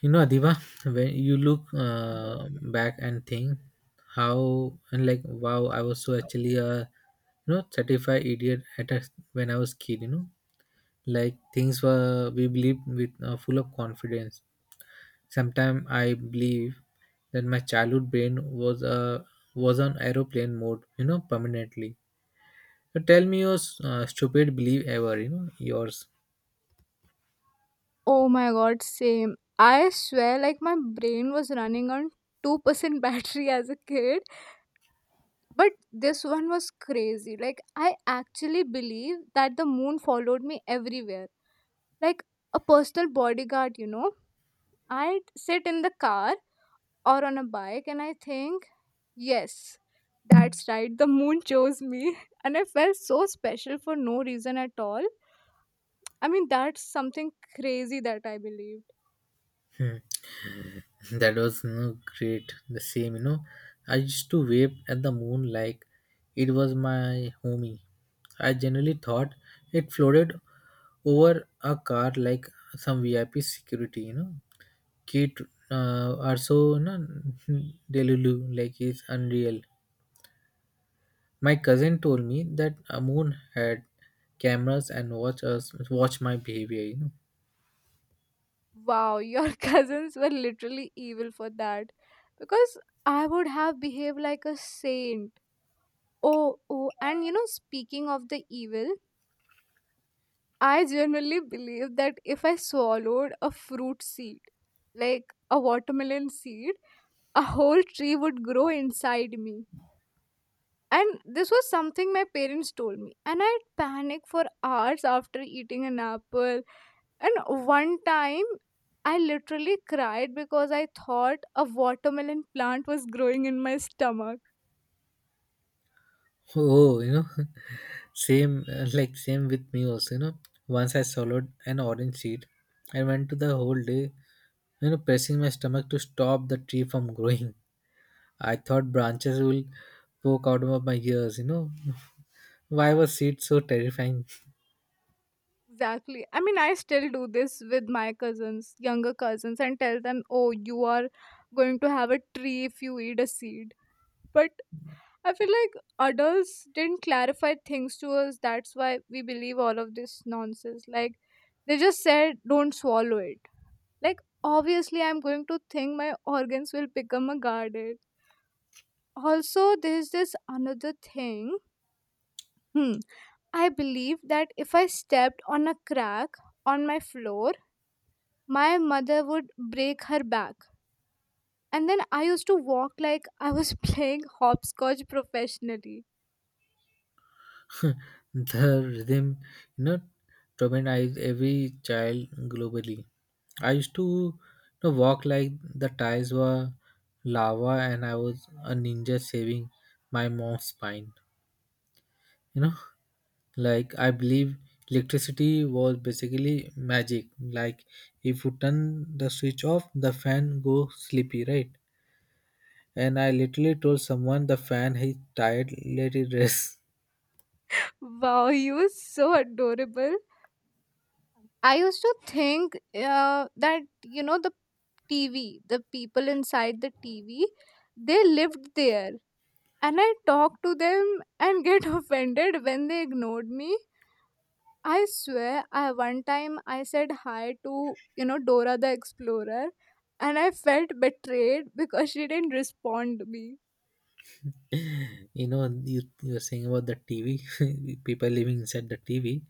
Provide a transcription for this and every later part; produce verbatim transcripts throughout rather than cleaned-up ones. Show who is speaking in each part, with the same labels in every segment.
Speaker 1: You know, Adiba, when you look uh, back and think how and like wow, I was so actually a you know certified idiot at a, when I was kid. You know, like things were we believed with uh, full of confidence. Sometimes I believe that my childhood brain was a was on aeroplane mode, you know, permanently. So tell me your uh, stupid belief ever. You know yours.
Speaker 2: Oh my god, same. I swear, like, my brain was running on two percent battery as a kid. But this one was crazy. Like, I actually believe that the moon followed me everywhere. Like, a personal bodyguard, you know? I'd sit in the car or on a bike and I think, yes, that's right, the moon chose me. And I felt so special for no reason at all. I mean, that's something crazy that I believe.
Speaker 1: Hmm. That was, you know, great, the same. You know, I used to wave at the moon like it was my homie. I generally thought it floated over a car like some VIP security, you know, kid uh, are so, you know, delulu, like it's unreal. My cousin told me that a moon had cameras and watch us, watch my behavior, you know.
Speaker 2: Wow, your cousins were literally evil for that. Because I would have behaved like a saint. Oh, oh, and you know, speaking of the evil, I generally believe that if I swallowed a fruit seed, like a watermelon seed, a whole tree would grow inside me. And this was something my parents told me. And I panicked for hours after eating an apple. And one time, I literally cried because I thought a watermelon plant was growing in my stomach.
Speaker 1: Oh, you know, same, uh, like same with me also. You know, once I swallowed an orange seed, I went to the whole day, you know, pressing my stomach to stop the tree from growing. I thought branches will poke out of my ears. You know, why was seed so terrifying?
Speaker 2: Exactly. I mean, I still do this with my cousins, younger cousins, and tell them, oh, you are going to have a tree if you eat a seed. But I feel like adults didn't clarify things to us. That's why we believe all of this nonsense. Like, they just said, don't swallow it. Like, obviously, I'm going to think my organs will become a guarded. Also, there's this another thing. Hmm. I believe that if I stepped on a crack on my floor, my mother would break her back. And then I used to walk like I was playing hopscotch professionally.
Speaker 1: The rhythm, you know, traumatized every child globally. I used to, you know, walk like the tires were lava and I was a ninja saving my mom's spine. You know, like I believe electricity was basically magic. Like if you turn the switch off, the fan goes sleepy, right? And I literally told someone the fan is tired, let it rest.
Speaker 2: Wow, you were so adorable. I used to think uh, that you know the T V, the people inside the T V, they lived there, and I talked to them and get offended when they ignored me. I swear, I one time I said hi to you know Dora the Explorer, and I felt betrayed because she didn't respond to me.
Speaker 1: You know, you, you were saying about the TV, people living inside the TV.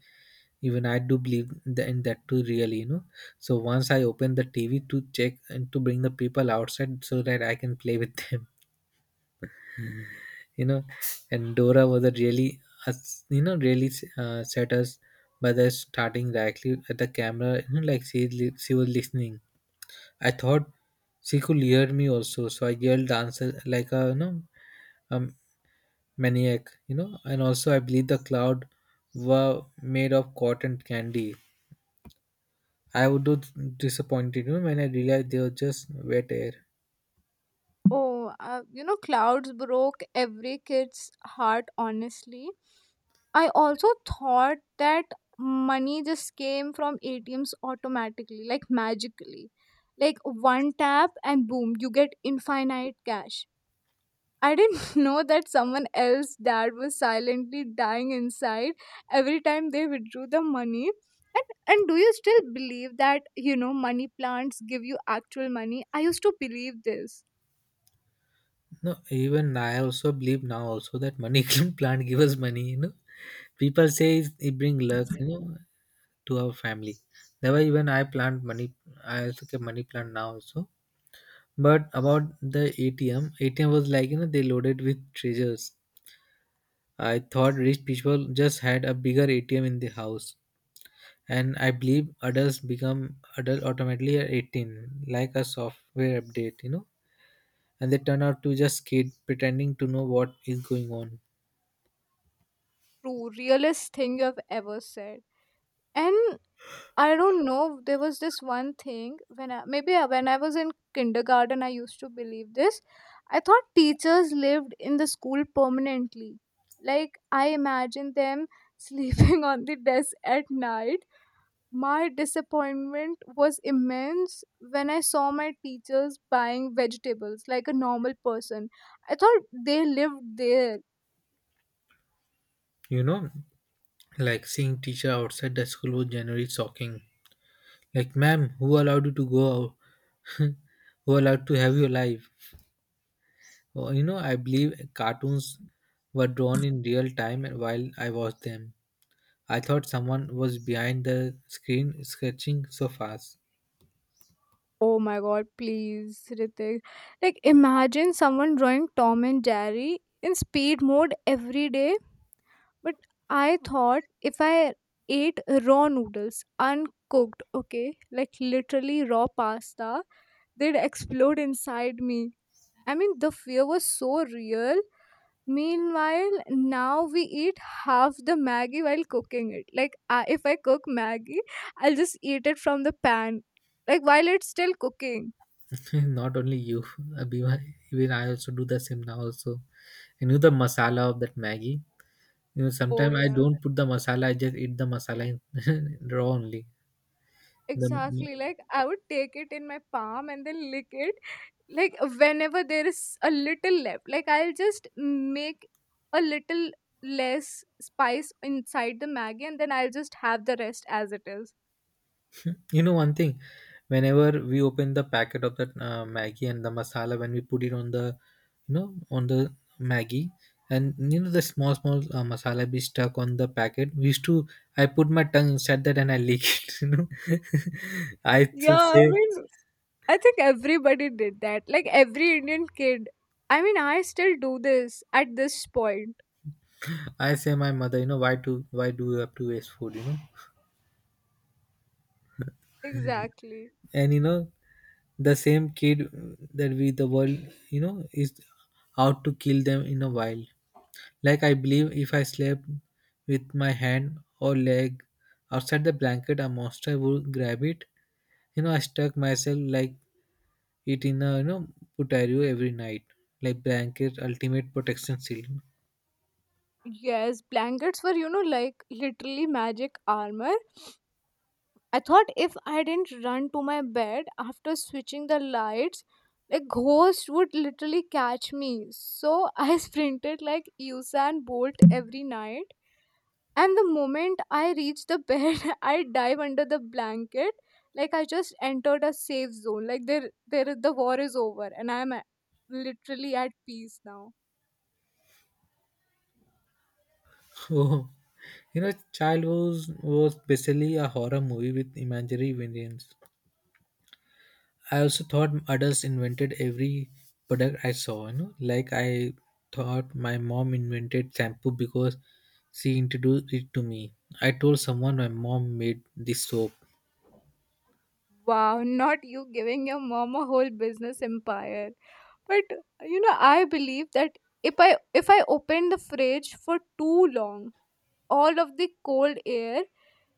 Speaker 1: Even I do believe that, in that too, really, you know. So once I open the TV to check and to bring the people outside so that I can play with them, you know. And Dora was a really uh, you know, really uh, set us by the starting directly at the camera, you know, like she li- she was listening. I thought she could hear me also, so I yelled answer like a, you know, um, maniac, you know. And also I believe the cloud were made of cotton candy. I would do disappointed, you know, when I realized they were just wet air.
Speaker 2: Oh, uh, you know, clouds broke every kid's heart, honestly. I also thought that money just came from A T Ms automatically, like magically. Like one tap and boom, you get infinite cash. I didn't know that someone else's dad was silently dying inside every time they withdrew the money. And, and do you still believe that, you know, money plants give you actual money? I used to believe this.
Speaker 1: No, even I also believe now also that money plant give us money, you know. People say it's- it bring luck, you know, to our family. That's why even I plant money. I also keep money plant now also. But about the atm ATM was like, you know, they loaded with treasures. I thought rich people just had a bigger ATM in the house. And I believe adults become adult automatically at eighteen, like a software update, you know, and they turn out to just kid pretending to know what is going on.
Speaker 2: True, realest thing you have ever said. And I don't know. There was this one thing when I, maybe I- when I was in kindergarten, I used to believe this. I thought teachers lived in the school permanently. Like I imagined them sleeping on the desk at night. My disappointment was immense when I saw my teachers buying vegetables like a normal person. I thought they lived there.
Speaker 1: You know, like seeing teacher outside the school was generally shocking. Like, ma'am, who allowed you to go out? Who allowed to have your life? Or, you know, I believe cartoons were drawn in real time while I watched them. I thought someone was behind the screen sketching so fast.
Speaker 2: Oh my god, please, Ritik. Like, imagine someone drawing Tom and Jerry in speed mode every day. But I thought if I ate raw noodles, uncooked, okay, like literally raw pasta, they'd explode inside me. I mean, the fear was so real. Meanwhile, now we eat half the Maggie while cooking it. Like, I, if I cook Maggie, I'll just eat it from the pan, like, while it's still cooking.
Speaker 1: Not only you, Abhiman, even I also do the same now also. You know the masala of that Maggie. You know,
Speaker 2: Oh,
Speaker 1: sometimes I
Speaker 2: yeah.
Speaker 1: don't put the masala. I just eat the masala in raw only. The
Speaker 2: Exactly. Like I would take it in my palm and then lick it. Like whenever there is a little left, like I'll just make a little less spice inside the Maggie and then I'll just have the rest as it is.
Speaker 1: you know, one thing, whenever we open the packet of that uh, Maggie and the masala, when we put it on the, you know, on the Maggie, and you know the small small uh, masala be stuck on the packet. We used to I put my tongue inside that and I lick it. You know, I should
Speaker 2: Yeah, I
Speaker 1: say,
Speaker 2: mean, I think everybody did that. Like every Indian kid. I mean, I still do this at this point.
Speaker 1: I say my mother, you know, why to why do you have to waste food, you know?
Speaker 2: Exactly.
Speaker 1: And you know, the same kid that we the world, you know, is out to kill them in a while. Like I believe if I slept with my hand or leg outside the blanket, a monster would grab it. You know, I stuck myself like it in a, you know, putario every night, like blanket ultimate protection seal.
Speaker 2: Yes, blankets were, you know, like literally magic armor. I thought if I didn't run to my bed after switching the lights, a ghost would literally catch me. So I sprinted like Usain Bolt every night. And the moment I reach the bed, I dive under the blanket like I just entered a safe zone. Like there, there, the war is over, and I'm a- literally at peace now.
Speaker 1: Oh, you know, child was was basically a horror movie with imaginary villains. I also thought adults invented every product I saw, you know. Like I thought my mom invented shampoo because she introduced it to me. I told someone my mom made this soap,
Speaker 2: Wow, not you giving your mom a whole business empire. But you know, I believe that if I if I open the fridge for too long, all of the cold air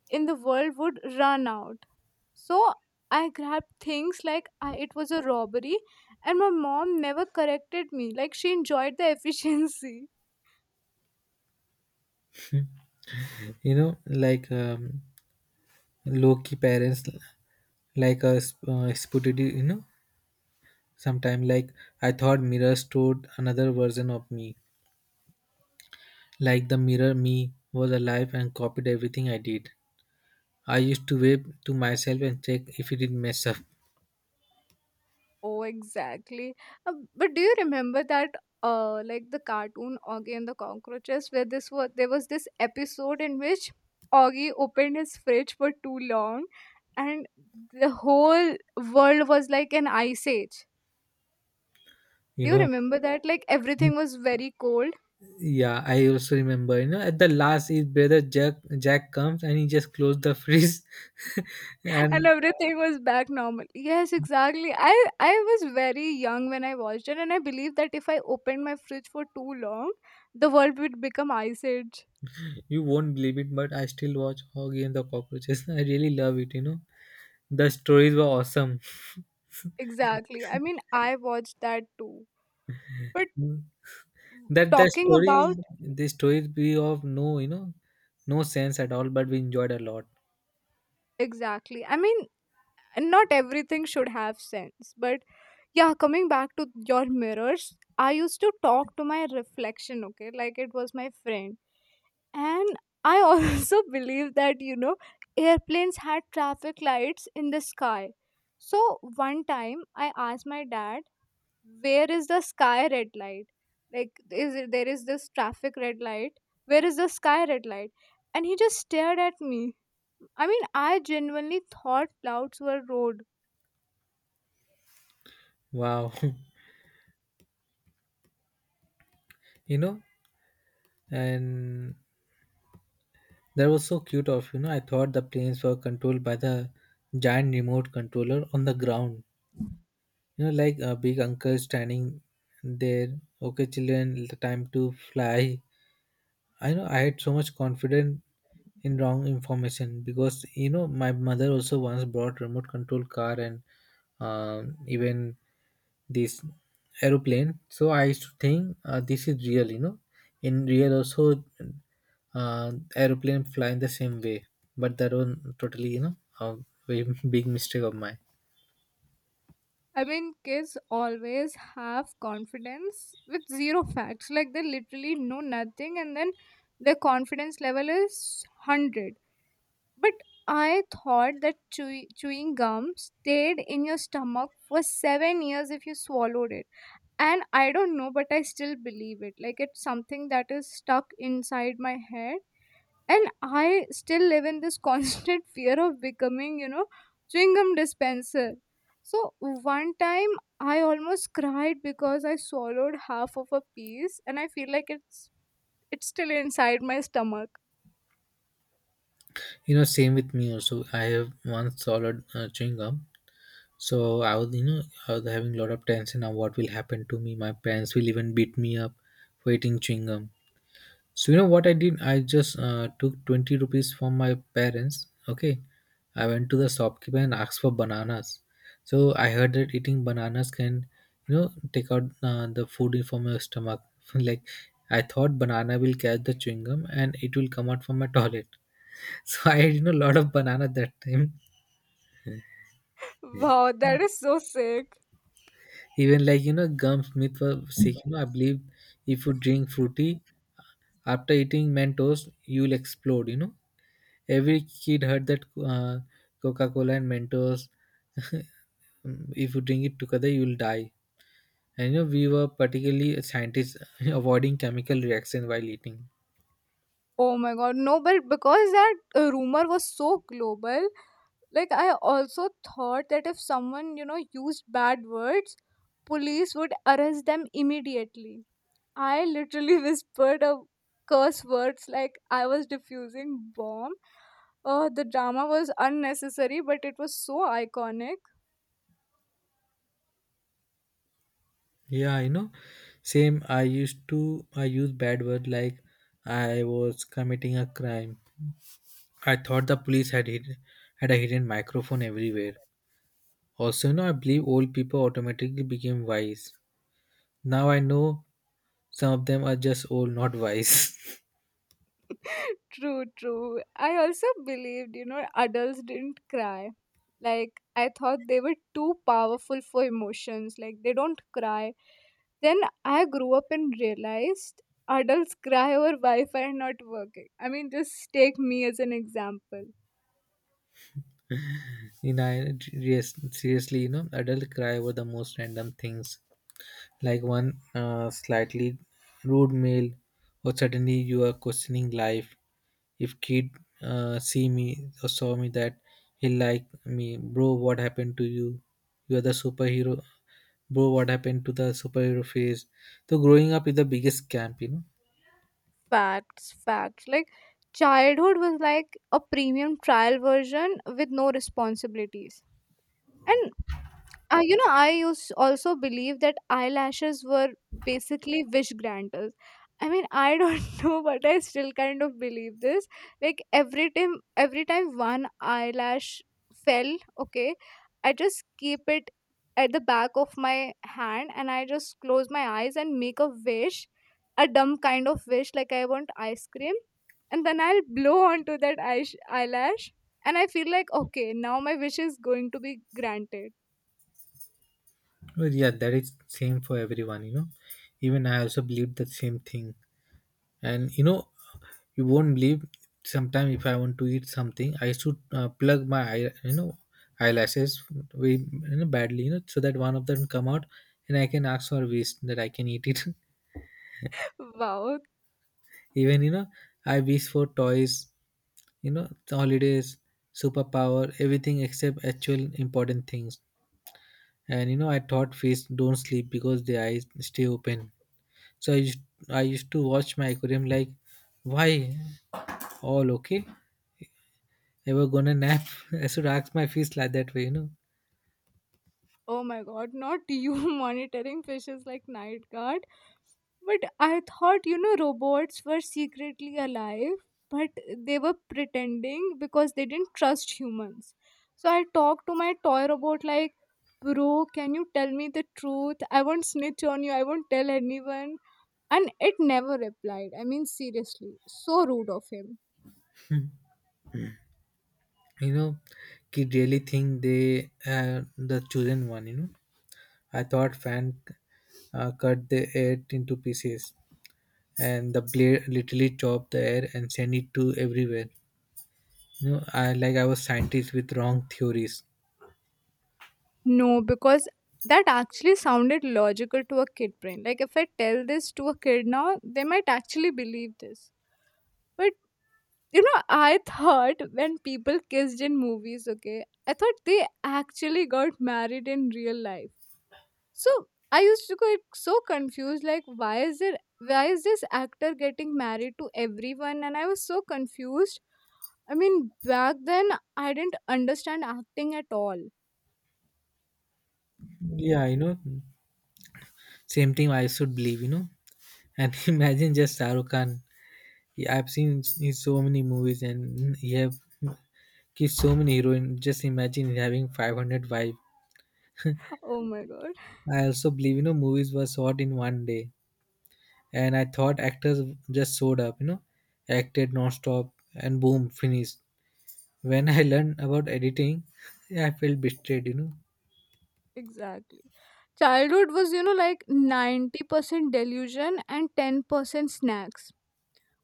Speaker 2: in the world would run out. So I grabbed things like I, it was a robbery, and my mom never corrected me. Like she enjoyed the efficiency.
Speaker 1: you know, like um, low-key parents, like a uh, spotted, you know, sometime like I thought mirror stored another version of me. Like the mirror me was alive and copied everything I did. I used to wave to myself and check if it didn't mess up,
Speaker 2: Oh, exactly. Uh, but do you remember that, uh, like the cartoon Augie and the Cockroaches, where this was there was this episode in which Augie opened his fridge for too long, and the whole world was like an ice age.
Speaker 1: you
Speaker 2: Do you
Speaker 1: know.
Speaker 2: remember that? Like everything was very cold
Speaker 1: Yeah, I also remember. You know, at the last, his brother Jack Jack comes and he just closed the fridge,
Speaker 2: and
Speaker 1: and
Speaker 2: everything was back normal. Yes, exactly. I I was very young when I watched it, and I believe that if I opened my fridge for too long, the world would become ice age.
Speaker 1: you won't believe it, but I still watch Hoggy and the Cockroaches. I really love it. You know, the stories were awesome.
Speaker 2: Exactly. I mean, I watched that too. But
Speaker 1: Mm. That the
Speaker 2: talking
Speaker 1: story,
Speaker 2: about
Speaker 1: the stories be of no, you know, no sense at all, but we enjoyed a lot.
Speaker 2: exactly, I mean, not everything should have sense. But yeah, coming back to your mirrors, I used to talk to my reflection, okay, like it was my friend. And I also believe that, you know, airplanes had traffic lights in the sky. So one time I asked my dad where is the sky red light, like is it, there is this traffic red light, where is the sky red light, and he just stared at me. I mean, I genuinely thought clouds were road.
Speaker 1: Wow, you know, and that was so cute of, you know. I thought the planes were controlled by the giant remote controller on the ground. You know, like a big uncle standing there. Okay, children, the time to fly. I know I had so much confidence in wrong information because you know my mother also once brought remote control car and um, even this aeroplane. So I used to think uh, this is real. You know, in real also uh, aeroplane fly in the same way, but that was totally, you know, a very big mistake of mine.
Speaker 2: I mean, kids always have confidence with zero facts. Like, they literally know nothing, and then their confidence level is one hundred. But I thought that chew- chewing gum stayed in your stomach for seven years if you swallowed it, and I don't know, but I still believe it. Like it's something that is stuck inside my head, and I still live in this constant fear of becoming, you know, chewing gum dispenser. So one time I almost cried because I swallowed half of a piece and I feel like it's it's still inside my stomach.
Speaker 1: You know, same with me also. I have once swallowed uh, chewing gum, so I was, you know, I was having a lot of tension of what will happen to me. My parents will even beat me up for eating chewing gum. So you know what I did? I just uh, took twenty rupees from my parents. Okay. I went to the shopkeeper and asked for bananas. So I heard that eating bananas can, you know, take out uh, the food from your stomach. Like I thought banana will catch the chewing gum and it will come out from my toilet. So I had, you know, a lot of banana that time.
Speaker 2: Wow, that is so sick.
Speaker 1: Even like, you know, gum Smith was sick. You know, I believe if you drink fruity after eating Mentos, you will explode, you know. Every kid heard that uh, Coca-Cola and Mentos, if you drink it together, you will die. And you know, we were particularly scientists avoiding chemical reaction while eating.
Speaker 2: Oh my god, no, but because that uh, rumor was so global. Like, I also thought that if someone, you know, used bad words, police would arrest them immediately. I literally whispered a curse words like I was diffusing bomb. Oh, the drama was unnecessary, but it was so iconic.
Speaker 1: Yeah, you know, same. I used to I use bad word like I was committing a crime. I thought the police had hid, had a hidden microphone everywhere. Also, you know, I believe old people automatically became wise. Now I know some of them are just old, not wise.
Speaker 2: True, true. I also believed, you know, adults didn't cry. Like, I thought they were too powerful for emotions. Like, they don't cry. Then I grew up and realized adults cry over Wi Fi not working. I mean, just take me as an example.
Speaker 1: You know I- yes, seriously, you know, adults cry over the most random things, like one uh, slightly rude mail, or suddenly you are questioning life. If kid uh, see me or saw me, that he like me, bro, what happened to you? You are the superhero. Bro, what happened to the superhero phase? So growing up is the biggest scam, you know.
Speaker 2: Facts, facts. Like, childhood was like a premium trial version with no responsibilities. And uh, you know, I used also believe that eyelashes were basically wish granters. I mean, I don't know, but I still kind of believe this. Like every time, every time one eyelash fell, okay, I just keep it at the back of my hand, and I just close my eyes and make a wish, a dumb kind of wish, like I want ice cream. And then I'll blow onto that eyes eyelash, and I feel like, okay, now my wish is going to be granted.
Speaker 1: Well, yeah, that is same for everyone, you know. Even I also believe the same thing. And you know, you won't believe. Sometime if I want to eat something, I should uh, plug my eye, you know, eyelashes very, you know, badly, you know, so that one of them come out, and I can ask for wish that I can eat it.
Speaker 2: Wow.
Speaker 1: Even you know, I wish for toys, you know, holidays, superpower, everything except actual important things. And you know, I thought fish don't sleep because their eyes stay open. So I used, I used to watch my aquarium like, why all okay? Ever gonna nap? I should ask my fish like that way, you know.
Speaker 2: Oh my god, not you monitoring fishes like night guard. But I thought, you know, robots were secretly alive, but they were pretending because they didn't trust humans. So I talked to my toy robot like, bro, can you tell me the truth? I won't snitch on you, I won't tell anyone. And it never replied. I mean, seriously, so rude of him.
Speaker 1: You know, kid really think they uh, the chosen one. You know, I thought fan uh, cut the air into pieces, and the blade literally chopped the air and sent it to everywhere. You know, I like I was scientist with wrong theories.
Speaker 2: No, because that actually sounded logical to a kid brain. Like if I tell this to a kid now, they might actually believe this. But you know, I thought when people kissed in movies, okay, I thought they actually got married in real life. So I used to get so confused, like why is there why is this actor getting married to everyone? And I was so confused. I mean, back then I didn't understand acting at all.
Speaker 1: Yeah, you know, same thing I should believe, you know. And imagine just Shahrukh Khan. Yeah, I've seen in so many movies and he have kissed so many heroines. Just imagine having five hundred wife.
Speaker 2: Oh my god.
Speaker 1: I also believe, you know, movies were shot in one day. And I thought actors just showed up, you know, acted non-stop, and boom, finished. When I learned about editing, I felt betrayed, you know.
Speaker 2: Exactly. Childhood was, you know, like ninety percent delusion and ten percent snacks.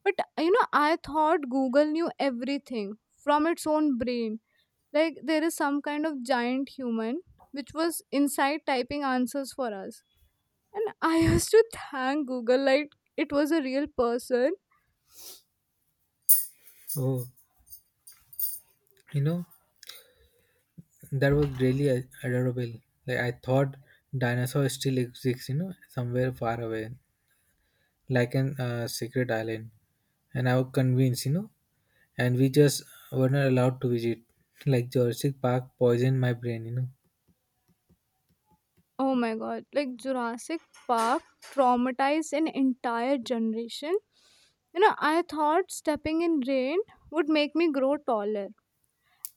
Speaker 2: But you know, I thought Google knew everything from its own brain, like there is some kind of giant human which was inside typing answers for us. And I used to thank Google like it was a real person.
Speaker 1: Oh, you know, that was really ad- adorable. Like I thought dinosaur still exists, you know, somewhere far away, like an uh, secret island. And I was convinced, you know, and we just were not allowed to visit. Like Jurassic Park poisoned my brain, you know.
Speaker 2: Oh my god, like Jurassic Park traumatized an entire generation. You know, I thought stepping in rain would make me grow taller.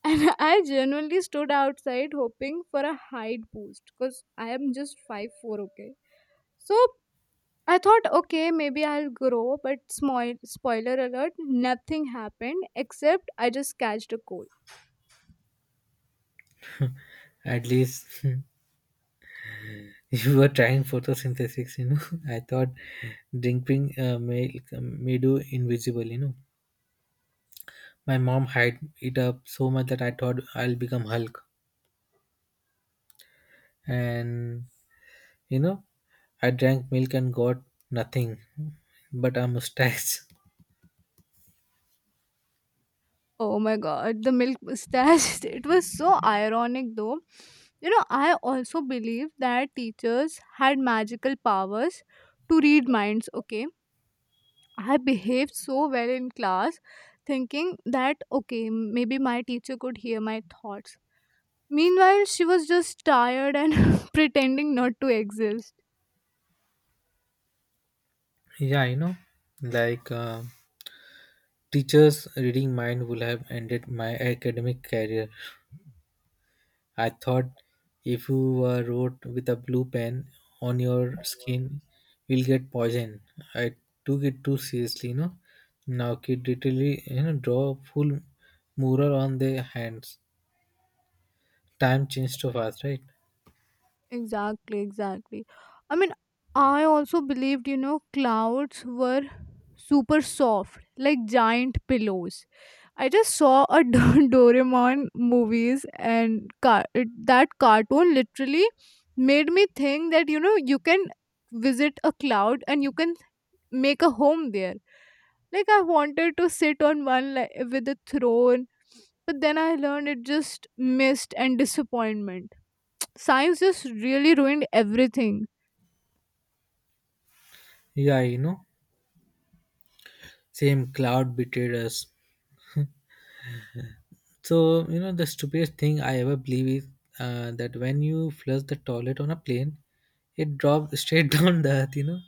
Speaker 2: And I genuinely stood outside hoping for a height boost because I am just five four. Okay? So I thought, okay, maybe I'll grow, but small, spoiler alert, nothing happened except I just catched a cold.
Speaker 1: At least you were trying photosynthesis, you know. I thought drinking uh, made, made you invisible, you know. My mom hide it up so much that I thought I'll become Hulk. And, you know, I drank milk and got nothing but a mustache.
Speaker 2: Oh my god, the milk mustache. It was so ironic though. You know, I also believe that teachers had magical powers to read minds, okay? I behaved so well in class, thinking that okay, maybe my teacher could hear my thoughts. Meanwhile, she was just tired and pretending not to exist.
Speaker 1: Yeah, you know, like uh, teachers' reading mind would have ended my academic career. I thought if you were wrote with a blue pen on your skin, you'll get poison. I took it too seriously, you know. Now kid literally, you know, draw a full mural on their hands. Time changed so fast, right?
Speaker 2: Exactly, exactly. I mean, I also believed, you know, clouds were super soft, like giant pillows. I just saw a Do- Doraemon movies and car- it, that cartoon literally made me think that, you know, you can visit a cloud and you can make a home there. Like I wanted to sit on one li- with a throne, but then I learned it just missed and disappointment. Science just really ruined everything.
Speaker 1: Yeah, you know, same cloud betrayed us. So, you know, the stupidest thing I ever believe is uh, that when you flush the toilet on a plane, it drops straight down the earth, you know.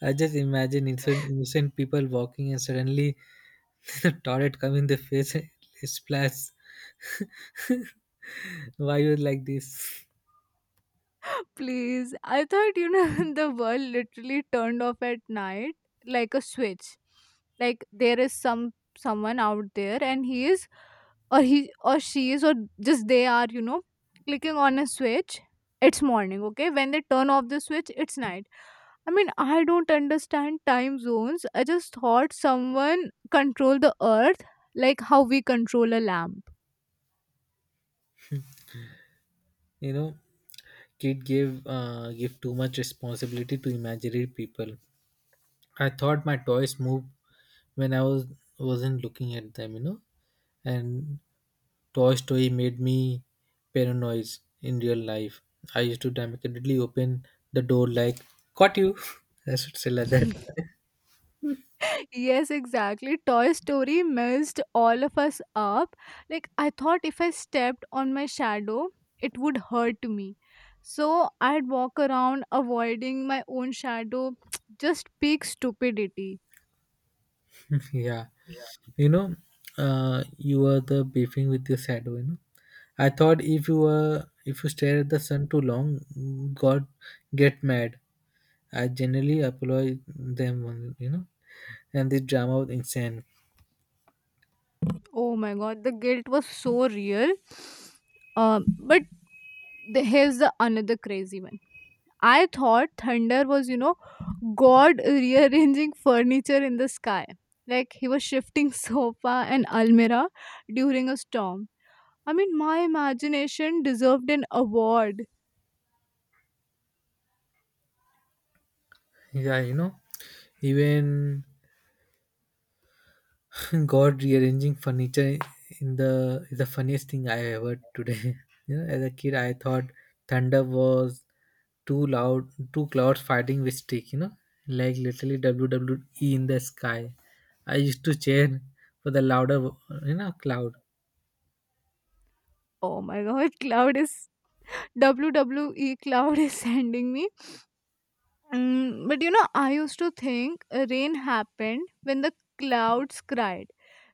Speaker 1: I just imagine innocent, innocent people walking and suddenly the torrent come in the face and splash why you like this
Speaker 2: Please, I thought you know the world literally turned off at night like a switch. Like there is some someone out there and he is or he or she is or just they are, you know, clicking on a switch. It's morning, okay? When they turn off the switch, it's night. I mean, I don't understand time zones. I just thought someone controlled the earth like how we control a lamp.
Speaker 1: you know Kid gave uh, give too much responsibility to imaginary people. I thought my toys moved when i was wasn't looking at them you know and Toy Story made me paranoid in real life. I used to dramatically open the door like caught you. I should say like that.
Speaker 2: Yes, exactly. Toy Story messed all of us up. Like, I thought if I stepped on my shadow, it would hurt me. So I'd walk around avoiding my own shadow. Just peak stupidity.
Speaker 1: Yeah, you know uh, you were the beefing with your shadow you know I thought if you were if you stare at the sun too long, god get mad. I generally apologize them you know and this drama was insane.
Speaker 2: Oh my god, the guilt was so real. Um, but the, here's the another crazy one. I thought thunder was, you know, God rearranging furniture in the sky. Like he was shifting sofa and almirah during a storm. I mean, my imagination deserved an award.
Speaker 1: Yeah, you know, even God rearranging furniture in the is the funniest thing I ever today. You know, as a kid, I thought thunder was two loud, two clouds fighting with stick. You know, like literally W W E in the sky. I used to cheer for the louder, you know, cloud.
Speaker 2: Oh my god, cloud is W W E cloud is sending me. Mm, but you know, I used to think uh, rain happened when the clouds cried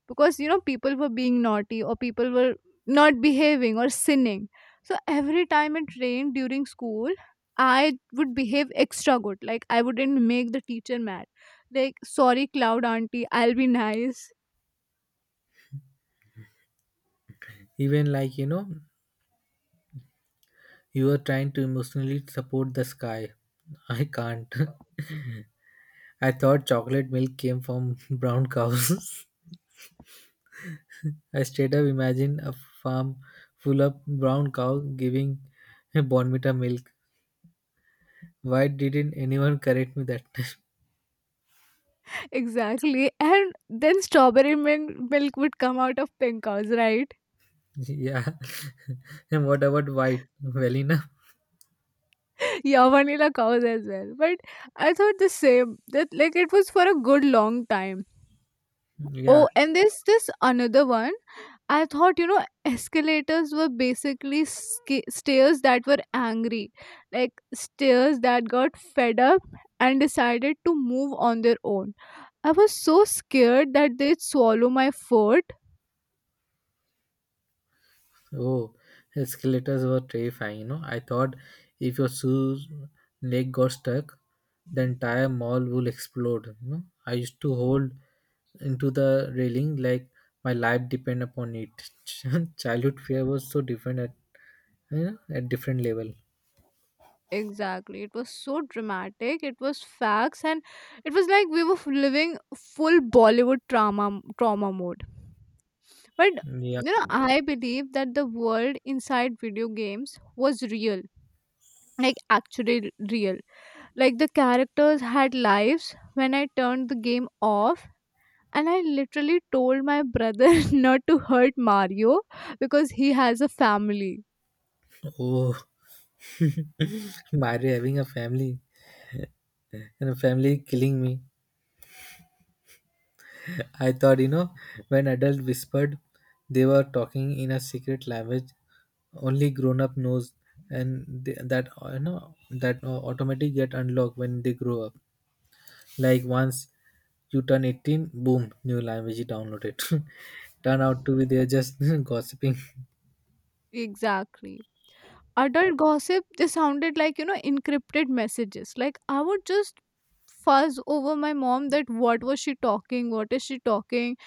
Speaker 2: because you know people were being naughty or people were not behaving or sinning. So every time it rained during school, I would behave extra good. Like I wouldn't make the teacher mad. Like sorry, cloud auntie, I'll be nice.
Speaker 1: Even like you know, you were trying to emotionally support the sky. I can't. I thought chocolate milk came from brown cows. I straight up imagine a farm full of brown cow giving a bonmita milk. Why didn't anyone correct me that time?
Speaker 2: Exactly. And then strawberry milk, milk would come out of pink cows, right?
Speaker 1: Yeah. And what about white? Well enough.
Speaker 2: Yeah, vanilla cows as well. But I thought the same, that like it was for a good long time.
Speaker 1: Yeah.
Speaker 2: Oh, and there's this another one. I thought you know escalators were basically sca- stairs that were angry, like stairs that got fed up and decided to move on their own. I was so scared that they'd swallow my foot.
Speaker 1: Oh, escalators were terrifying, you know. I thought if your shoe's leg got stuck, the entire mall would explode. You know? I used to hold into the railing like my life depend upon it. Childhood fear was so different at you know at different level.
Speaker 2: Exactly, it was so dramatic. It was facts, and it was like we were f- living full Bollywood trauma trauma mode. But
Speaker 1: Yeah.
Speaker 2: you know, I believe that the world inside video games was real, like actually real. Like the characters had lives when I turned the game off. And I literally told my brother not to hurt Mario because he has a family.
Speaker 1: Oh, Mario having a family and a family killing me. I thought, you know, when adults whispered, they were talking in a secret language only grown up knows, and they, that uh, you know that uh, automatically get unlocked when they grow up. Like once you turn eighteen, boom, new language you downloaded. Turn out to be they're just gossiping.
Speaker 2: Exactly. Adult gossip, they sounded like, you know, encrypted messages. Like I would just fuzz over my mom that what was she talking? What is she talking?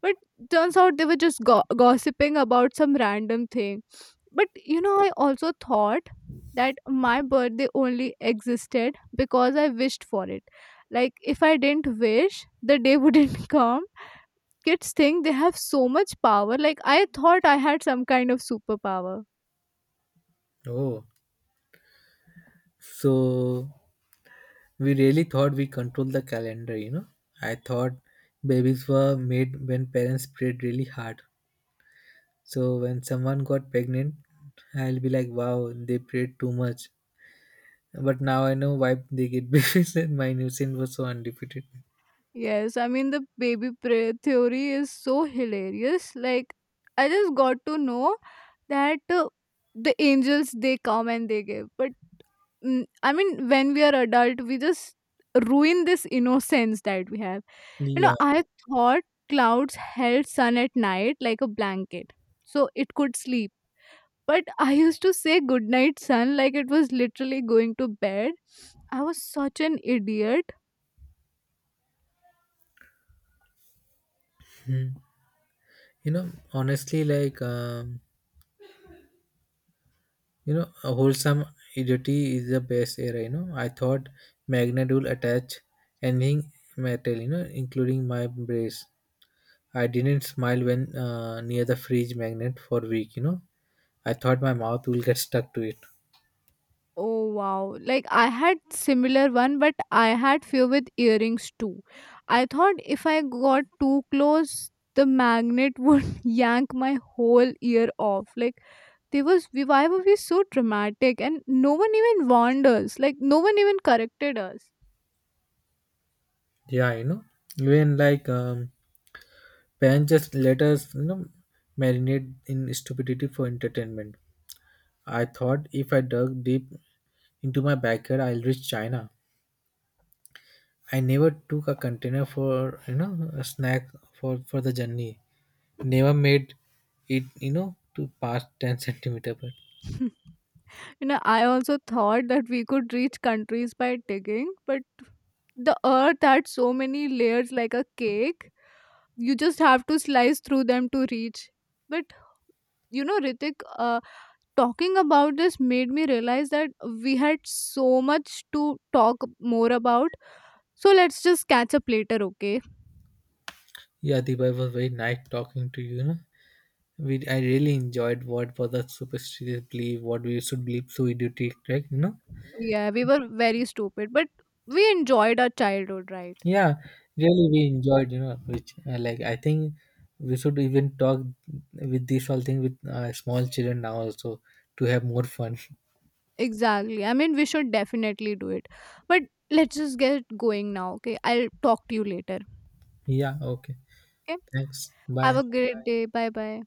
Speaker 2: But turns out they were just go- gossiping about some random thing. But you know, I also thought that my birthday only existed because I wished for it. Like if I didn't wish, the day wouldn't come. Kids think they have so much power. Like I thought I had some kind of superpower.
Speaker 1: Oh, so we really thought we control the calendar, you know. I thought babies were made when parents prayed really hard. So when someone got pregnant, I'll be like, wow, they prayed too much. But now I know why they get babies and my new sin was so undefeated.
Speaker 2: Yes, i mean the baby pra- theory is so hilarious. Like I just got to know that uh, the angels they come and they give. But mm, I mean, when we are adult, we just ruin this innocence that we have. You know,
Speaker 1: Yeah.
Speaker 2: I thought clouds held sun at night like a blanket, so it could sleep. But I used to say good night, sun, like it was literally going to bed. I was such an idiot.
Speaker 1: Hmm. You know, honestly, like, um, you know, a wholesome idiocy is the best era, you know. I thought magnet will attach anything metal, you know, including my brace. I didn't smile when uh, near the fridge magnet for week, you know. I thought my mouth will get stuck to it.
Speaker 2: Oh wow. Like I had similar one, but I had fear with earrings too. I thought if I got too close the magnet would yank my whole ear off. Like they was, we, why were we so dramatic and no one even warned us? Like no one even corrected us.
Speaker 1: Yeah, you know, even like um, Pan just let us, you know, marinate in stupidity for entertainment. I thought if I dug deep into my backyard, I'll reach China. I never took a container for, you know, a snack for, for the journey. Never made it, you know, to past ten centimeter. But
Speaker 2: You know, I also thought that we could reach countries by digging, but the earth had so many layers like a cake. You just have to slice through them to reach. But you know, Ritik, uh, talking about this made me realize that we had so much to talk more about. So let's just catch up later, okay?
Speaker 1: yeah, Deepak was very nice talking to you, you know. We, I really enjoyed what was the superstitious belief, what we should believe through idiotic, right? You know?
Speaker 2: Yeah, we were very stupid, but we enjoyed our childhood, right?
Speaker 1: Yeah, really, we enjoyed, you know, which uh, like I think we should even talk with this whole thing with uh, small children now also to have more fun.
Speaker 2: Exactly. I mean, we should definitely do it. But let's just get going now, okay? I'll talk to you later.
Speaker 1: Yeah, okay.
Speaker 2: Okay?
Speaker 1: Thanks.
Speaker 2: Have
Speaker 1: Bye.
Speaker 2: a great Right. day. Bye bye.